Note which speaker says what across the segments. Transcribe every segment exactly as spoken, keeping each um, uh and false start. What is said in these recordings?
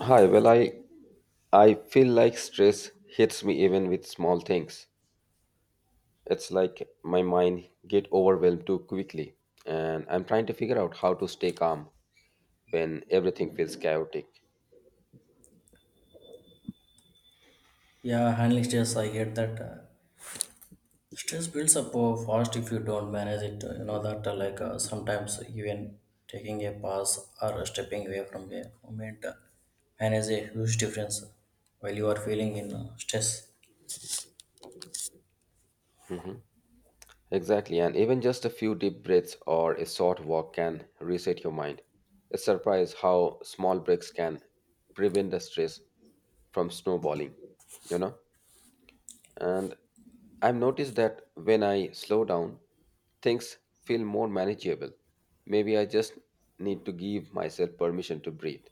Speaker 1: Hi, well, I I feel like stress hits me even with small things. It's like my mind get overwhelmed too quickly, and I'm trying to figure out how to stay calm when everything feels chaotic.
Speaker 2: Yeah, handling stress, I get that. Uh, stress builds up uh, fast if you don't manage it. uh, You know that, uh, like uh, sometimes even taking a pause or stepping away from a moment uh, manages a huge difference while you are feeling in uh, stress.
Speaker 1: Exactly, and even just a few deep breaths or a short walk can reset your mind. It's surprise how small breaks can prevent the stress from snowballing, you know? And I've noticed that when I slow down, things feel more manageable. Maybe I just need to give myself permission to breathe.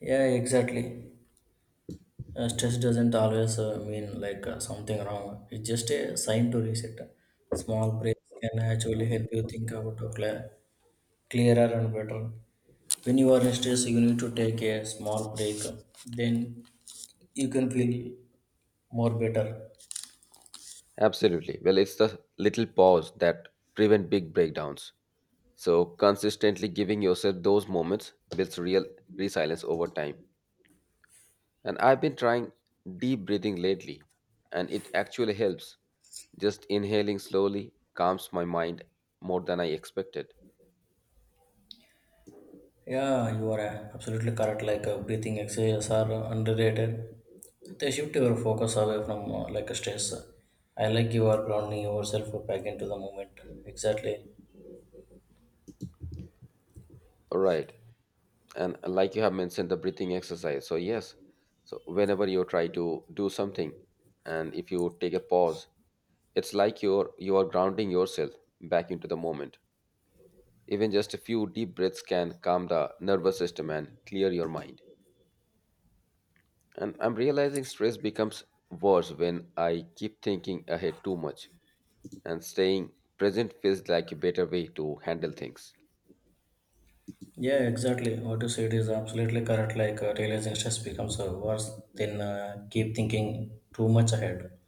Speaker 2: Yeah, exactly. Uh, stress doesn't always uh, mean like uh, something wrong. It's just a sign to reset. Small breaks can actually help you think about uh, cla- clearer and better. When you are in stress, you need to take a small break. Then you can feel more better.
Speaker 1: Absolutely. Well, it's the little pause that prevent big breakdowns. So consistently giving yourself those moments builds real resilience over time. And I've been trying deep breathing lately, and it actually helps. Just inhaling slowly calms my mind more than I expected.
Speaker 2: Yeah, you are uh, absolutely correct. Like uh, breathing exercises are underrated. They shift your focus away from uh, like stress. I like you are grounding yourself back into the moment. Exactly.
Speaker 1: All right. And like you have mentioned the breathing exercise, so yes, so whenever you try to do something and if you take a pause, it's like you're you are grounding yourself back into the moment. Even just a few deep breaths can calm the nervous system and clear your mind. And I'm realizing stress becomes worse when I keep thinking ahead too much, and staying present feels like a better way to handle things.
Speaker 2: Yeah, exactly. What you said is absolutely correct. Like uh, realizing stress becomes uh, worse than uh, keep thinking too much ahead.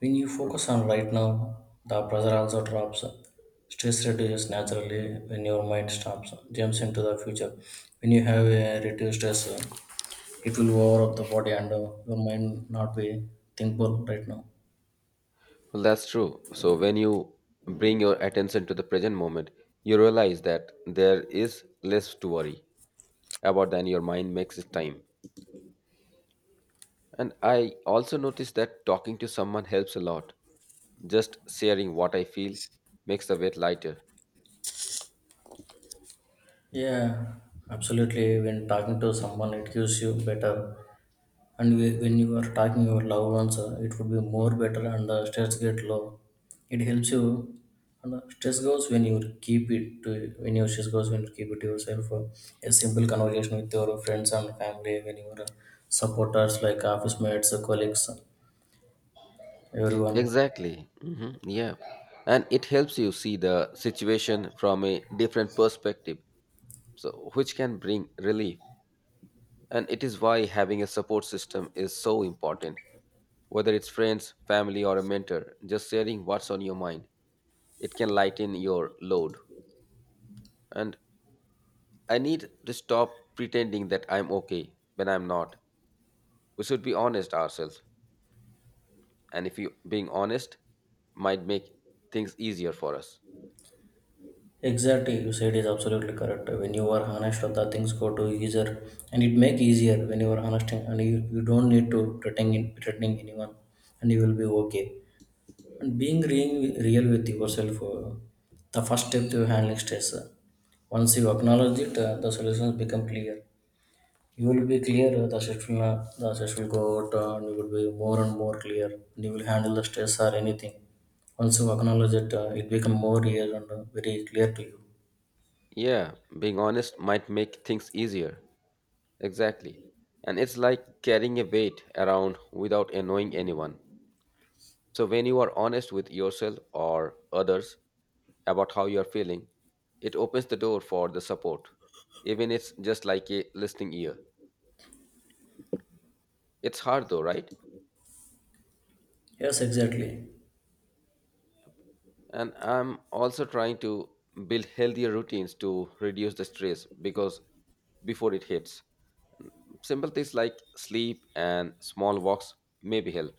Speaker 2: When you focus on right now, the pressure also drops. Stress reduces naturally when your mind stops, jumps into the future. When you have a reduced stress, it will over up the body and uh, your mind not be thinkable right now.
Speaker 1: Well, that's true. So, when you bring your attention to the present moment, you realize that there is less to worry about than your mind makes it time. And I also noticed that talking to someone helps a lot. Just sharing what I feel makes the weight lighter.
Speaker 2: Yeah, absolutely. When talking to someone, it gives you better and whe- when you are talking your loved ones uh, it would be more better, and the stress get low. It helps you, and the stress goes when you keep it to when your stress goes when you keep it to yourself, uh, a simple conversation with your friends and family, when your uh, supporters like office mates, uh, colleagues, uh, everyone.
Speaker 1: Exactly. hmm Yeah. And it helps you see the situation from a different perspective, so which can bring relief. And it is why having a support system is so important. Whether it's friends, family, or a mentor, just sharing what's on your mind, it can lighten your load. And I need to stop pretending that I'm okay when I'm not. We should be honest ourselves. And if you being honest might make things easier for us.
Speaker 2: Exactly, you said is absolutely correct. When you are honest, the things go to easier, and it make easier when you are honest, and you, you don't need to pretend in, pretending anyone, and you will be okay. And being re- real with yourself, uh, the first step to handling stress. uh, Once you acknowledge it, uh, the solutions become clear. You will be clear, uh, the stress will, not- the stress will go out, uh, and you will be more and more clear. And you will handle the stress or anything. Once you acknowledge it, uh, it become more real and uh, very clear to you.
Speaker 1: Yeah, being honest might make things easier. Exactly. And it's like carrying a weight around without annoying anyone. So, when you are honest with yourself or others about how you are feeling, it opens the door for the support, even it's just like a listening ear. It's hard though, right?
Speaker 2: Yes, exactly.
Speaker 1: And I'm also trying to build healthier routines to reduce the stress because before it hits, simple things like sleep and small walks maybe help.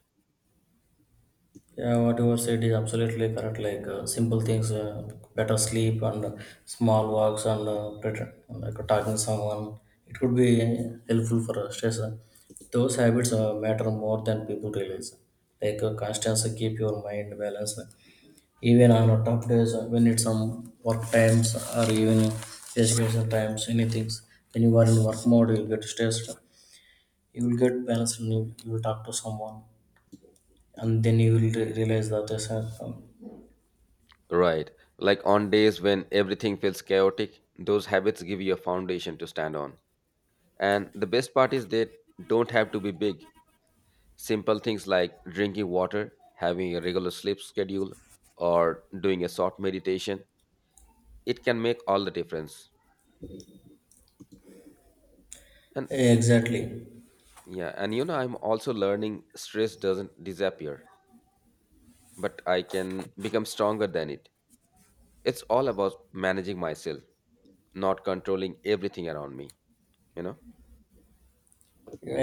Speaker 2: Yeah, whatever said is absolutely correct. Like uh, simple things, uh, better sleep and uh, small walks and uh, better, like uh, talking to someone. It could be helpful for uh, stress. Those habits uh, matter more than people realize. Like uh, constantly keep your mind balanced. Even on uh, tough days, uh, when it's some work times or even education times, anything. When you are in work mode, you'll get stressed. You will get balanced, and you, you will talk to someone, and then you will re- realize that there's a
Speaker 1: Right. Like on days when everything feels chaotic, those habits give you a foundation to stand on. And the best part is they don't have to be big. Simple things like drinking water, having a regular sleep schedule, or doing a short meditation, it can make all the difference. And
Speaker 2: exactly,
Speaker 1: yeah, and you know, I'm also learning stress doesn't disappear, but I can become stronger than it. It's all about managing myself, not controlling everything around me, you know?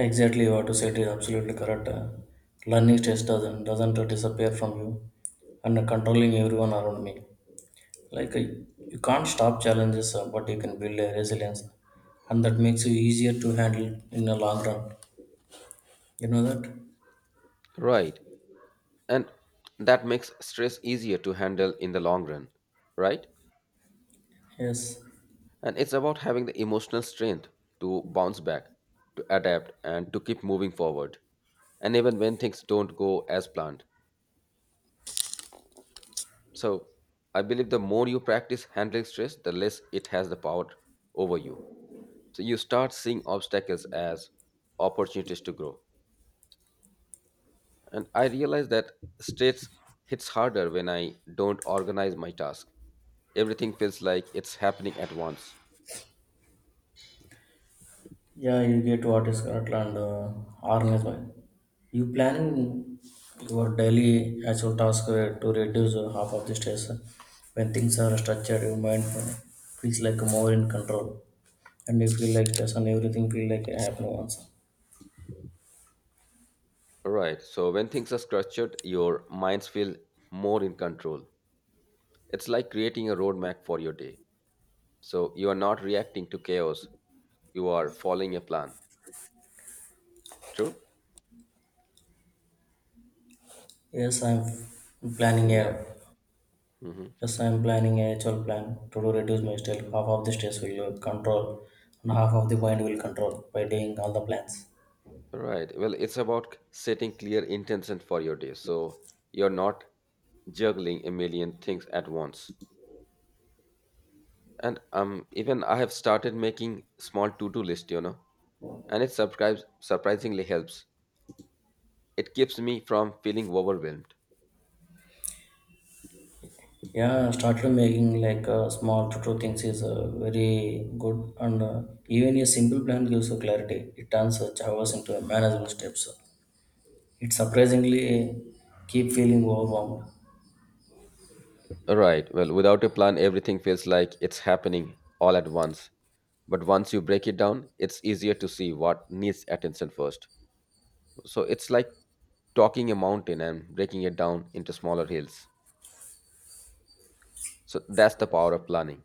Speaker 2: exactly what you said is absolutely correct. Uh, Learning stress doesn't doesn't disappear from you, and controlling everyone around me. Like uh, you can't stop challenges, uh, but you can build a resilience, and that makes you easier to handle in the long run. You know that?
Speaker 1: Right. And that makes stress easier to handle in the long run, right?
Speaker 2: Yes.
Speaker 1: And it's about having the emotional strength to bounce back, to adapt, and to keep moving forward. And even when things don't go as planned. So, I believe the more you practice handling stress, the less it has the power over you. So, you start seeing obstacles as opportunities to grow. And I realize that stress hits harder when I don't organize my task. Everything feels like it's happening at once.
Speaker 2: Yeah, you get what is Scotland uh, organized by. You planning your daily actual task uh, to reduce uh, half of the stress. uh, When things are structured, your mind uh, feels like more in control, and you feel like this and everything feel like I have no answer.
Speaker 1: Right. So when things are structured, your minds feel more in control. It's like creating a roadmap for your day. So you are not reacting to chaos. You are following a plan. True?
Speaker 2: Yes, I'm f- planning
Speaker 1: Yeah.
Speaker 2: a.
Speaker 1: hmm
Speaker 2: Yes, I'm planning a actual plan to do reduce my stress. Half of the stress will uh, control, and half of the mind will control by doing all the plans.
Speaker 1: Right. Well, it's about setting clear intention for your day. So you're not juggling a million things at once. And um, Even I have started making small to-do list, you know, and it subscribes surprisingly helps. It keeps me from feeling overwhelmed.
Speaker 2: Yeah, started making like uh, small to two things is uh, very good, and uh, even a simple plan gives you clarity. It turns uh, hours into a manageable steps. It surprisingly uh, keep feeling overwhelmed.
Speaker 1: Right. Well, without a plan, everything feels like it's happening all at once. But once you break it down, it's easier to see what needs attention first. So it's like talking a mountain and breaking it down into smaller hills. So that's the power of planning.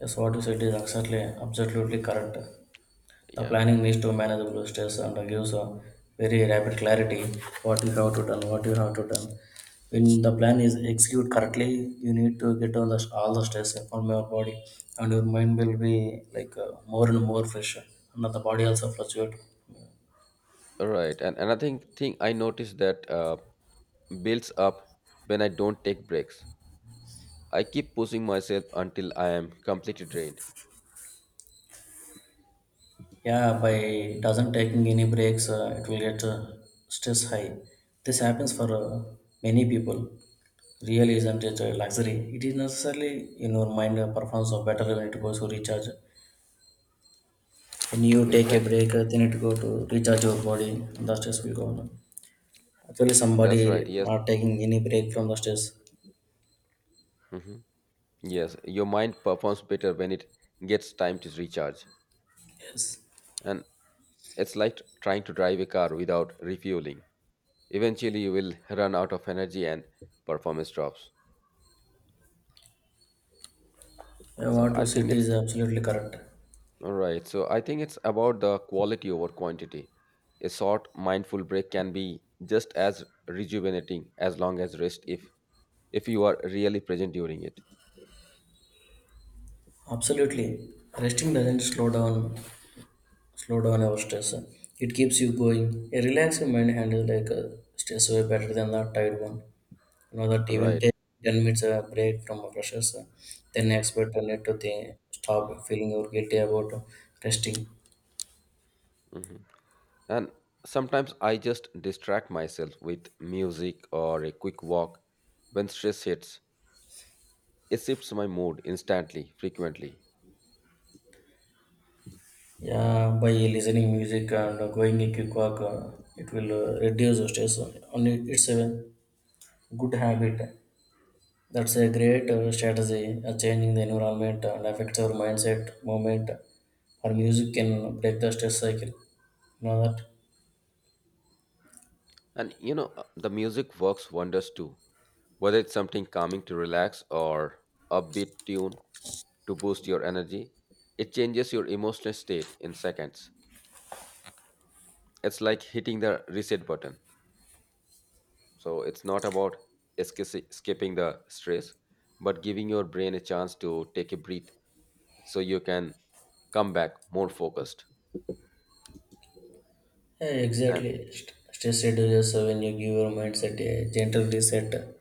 Speaker 2: Yes, what you said is exactly absolutely correct. The
Speaker 1: Yep.
Speaker 2: planning needs to manage the stress and gives a very rapid clarity what you have to done, what you have to done. When the plan is executed correctly, you need to get on the, all the stress from your body, and your mind will be like uh, more and more fresh, and the body also fluctuate.
Speaker 1: Right. And another thing, thing I noticed that uh, builds up when I don't take breaks. I keep pushing myself until I am completely drained.
Speaker 2: Yeah, by doesn't taking any breaks, uh, it will get uh, stress high. This happens for uh, many people. Really isn't it a luxury? It is necessarily in your mind uh, performance of better when it goes to recharge. When you take a
Speaker 1: Exactly.
Speaker 2: break, uh, then it go to recharge your body, and the stress will go on. Actually, somebody
Speaker 1: That's right. Yes.
Speaker 2: not taking any break from the stress.
Speaker 1: Mhm.
Speaker 2: Yeah.
Speaker 1: Yes, your mind performs better when it gets time to recharge.
Speaker 2: Yes.
Speaker 1: And it's like trying to drive a car without refueling. Eventually, you will run out of energy and performance drops.
Speaker 2: Uh,
Speaker 1: So
Speaker 2: What
Speaker 1: I
Speaker 2: you
Speaker 1: think
Speaker 2: said
Speaker 1: it's
Speaker 2: is absolutely correct.
Speaker 1: all right. So I think it's about the quality over quantity. A short mindful break can be just as rejuvenating as long as rest if if you are really present during it.
Speaker 2: Absolutely. Resting doesn't slow down slow down our stress. It keeps you going. A relaxed mind handles like a stress way better than the tired one. You know that
Speaker 1: All
Speaker 2: even
Speaker 1: right.
Speaker 2: take ten minutes uh, break from our pressures, uh, then expect a need to think, stop feeling or guilty about resting.
Speaker 1: Mhm. And sometimes I just distract myself with music or a quick walk. When stress hits, it shifts my mood instantly, frequently.
Speaker 2: Yeah, by listening music and going a quick walk, uh, it will uh, reduce stress. Only it's a good habit. That's a great uh, strategy. Uh, changing the environment and affects our mindset, moment. Our music can break the stress cycle. You know that?
Speaker 1: And you know, uh, the music works wonders too. Whether it's something calming to relax or upbeat tune to boost your energy, it changes your emotional state in seconds. It's like hitting the reset button. So it's not about esca- skipping the stress, but giving your brain a chance to take a breath so you can come back more focused.
Speaker 2: Yeah,
Speaker 1: And
Speaker 2: exactly. St- Stress reduces uh, when you give your mindset a gentle reset.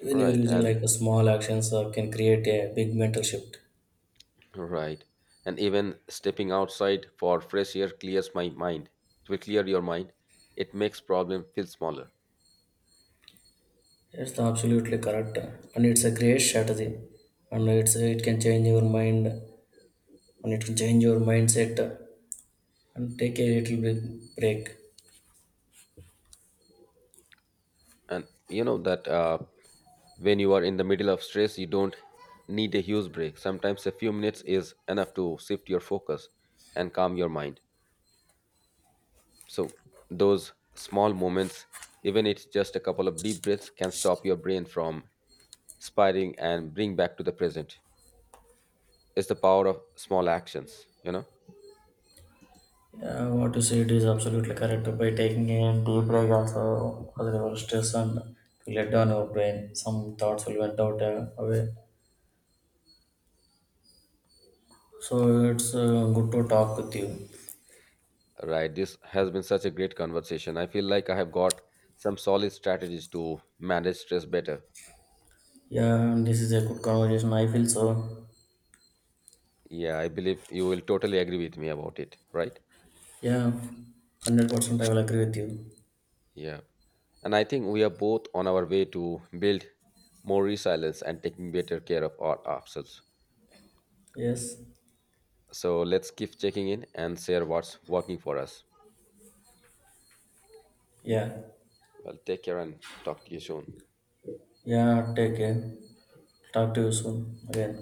Speaker 2: Even your
Speaker 1: right
Speaker 2: using
Speaker 1: and
Speaker 2: like a small actions uh, can create a big mental shift.
Speaker 1: Right. And even stepping outside for fresh air clears my mind. It will clear your mind. It makes problem feel smaller.
Speaker 2: It's absolutely correct, and it's a great strategy, and it's it can change your mind, and it can change your mindset, and take a little bit break.
Speaker 1: And you know that uh, when you are in the middle of stress, you don't need a huge break. Sometimes a few minutes is enough to shift your focus and calm your mind. So, those small moments, even it's just a couple of deep breaths, can stop your brain from spiraling and bring back to the present. It's the power of small actions, you know?
Speaker 2: Yeah, what you said is absolutely correct. By taking a deep break, also cause your stress and to let down your brain. Some thoughts will went out uh, away. So it's uh, good to talk with you.
Speaker 1: Right. This has been such a great conversation. I feel like I have got some solid strategies to manage stress better.
Speaker 2: Yeah, and this is a good conversation. I feel so.
Speaker 1: Yeah, I believe you will totally agree with me about it, right?
Speaker 2: Yeah, hundred percent. I will agree with you.
Speaker 1: Yeah. And I think we are both on our way to build more resilience and taking better care of our ourselves.
Speaker 2: Yes.
Speaker 1: So let's keep checking in and share what's working for us.
Speaker 2: Yeah.
Speaker 1: Well, take care and talk to you soon.
Speaker 2: Yeah, take care. Talk to you soon again.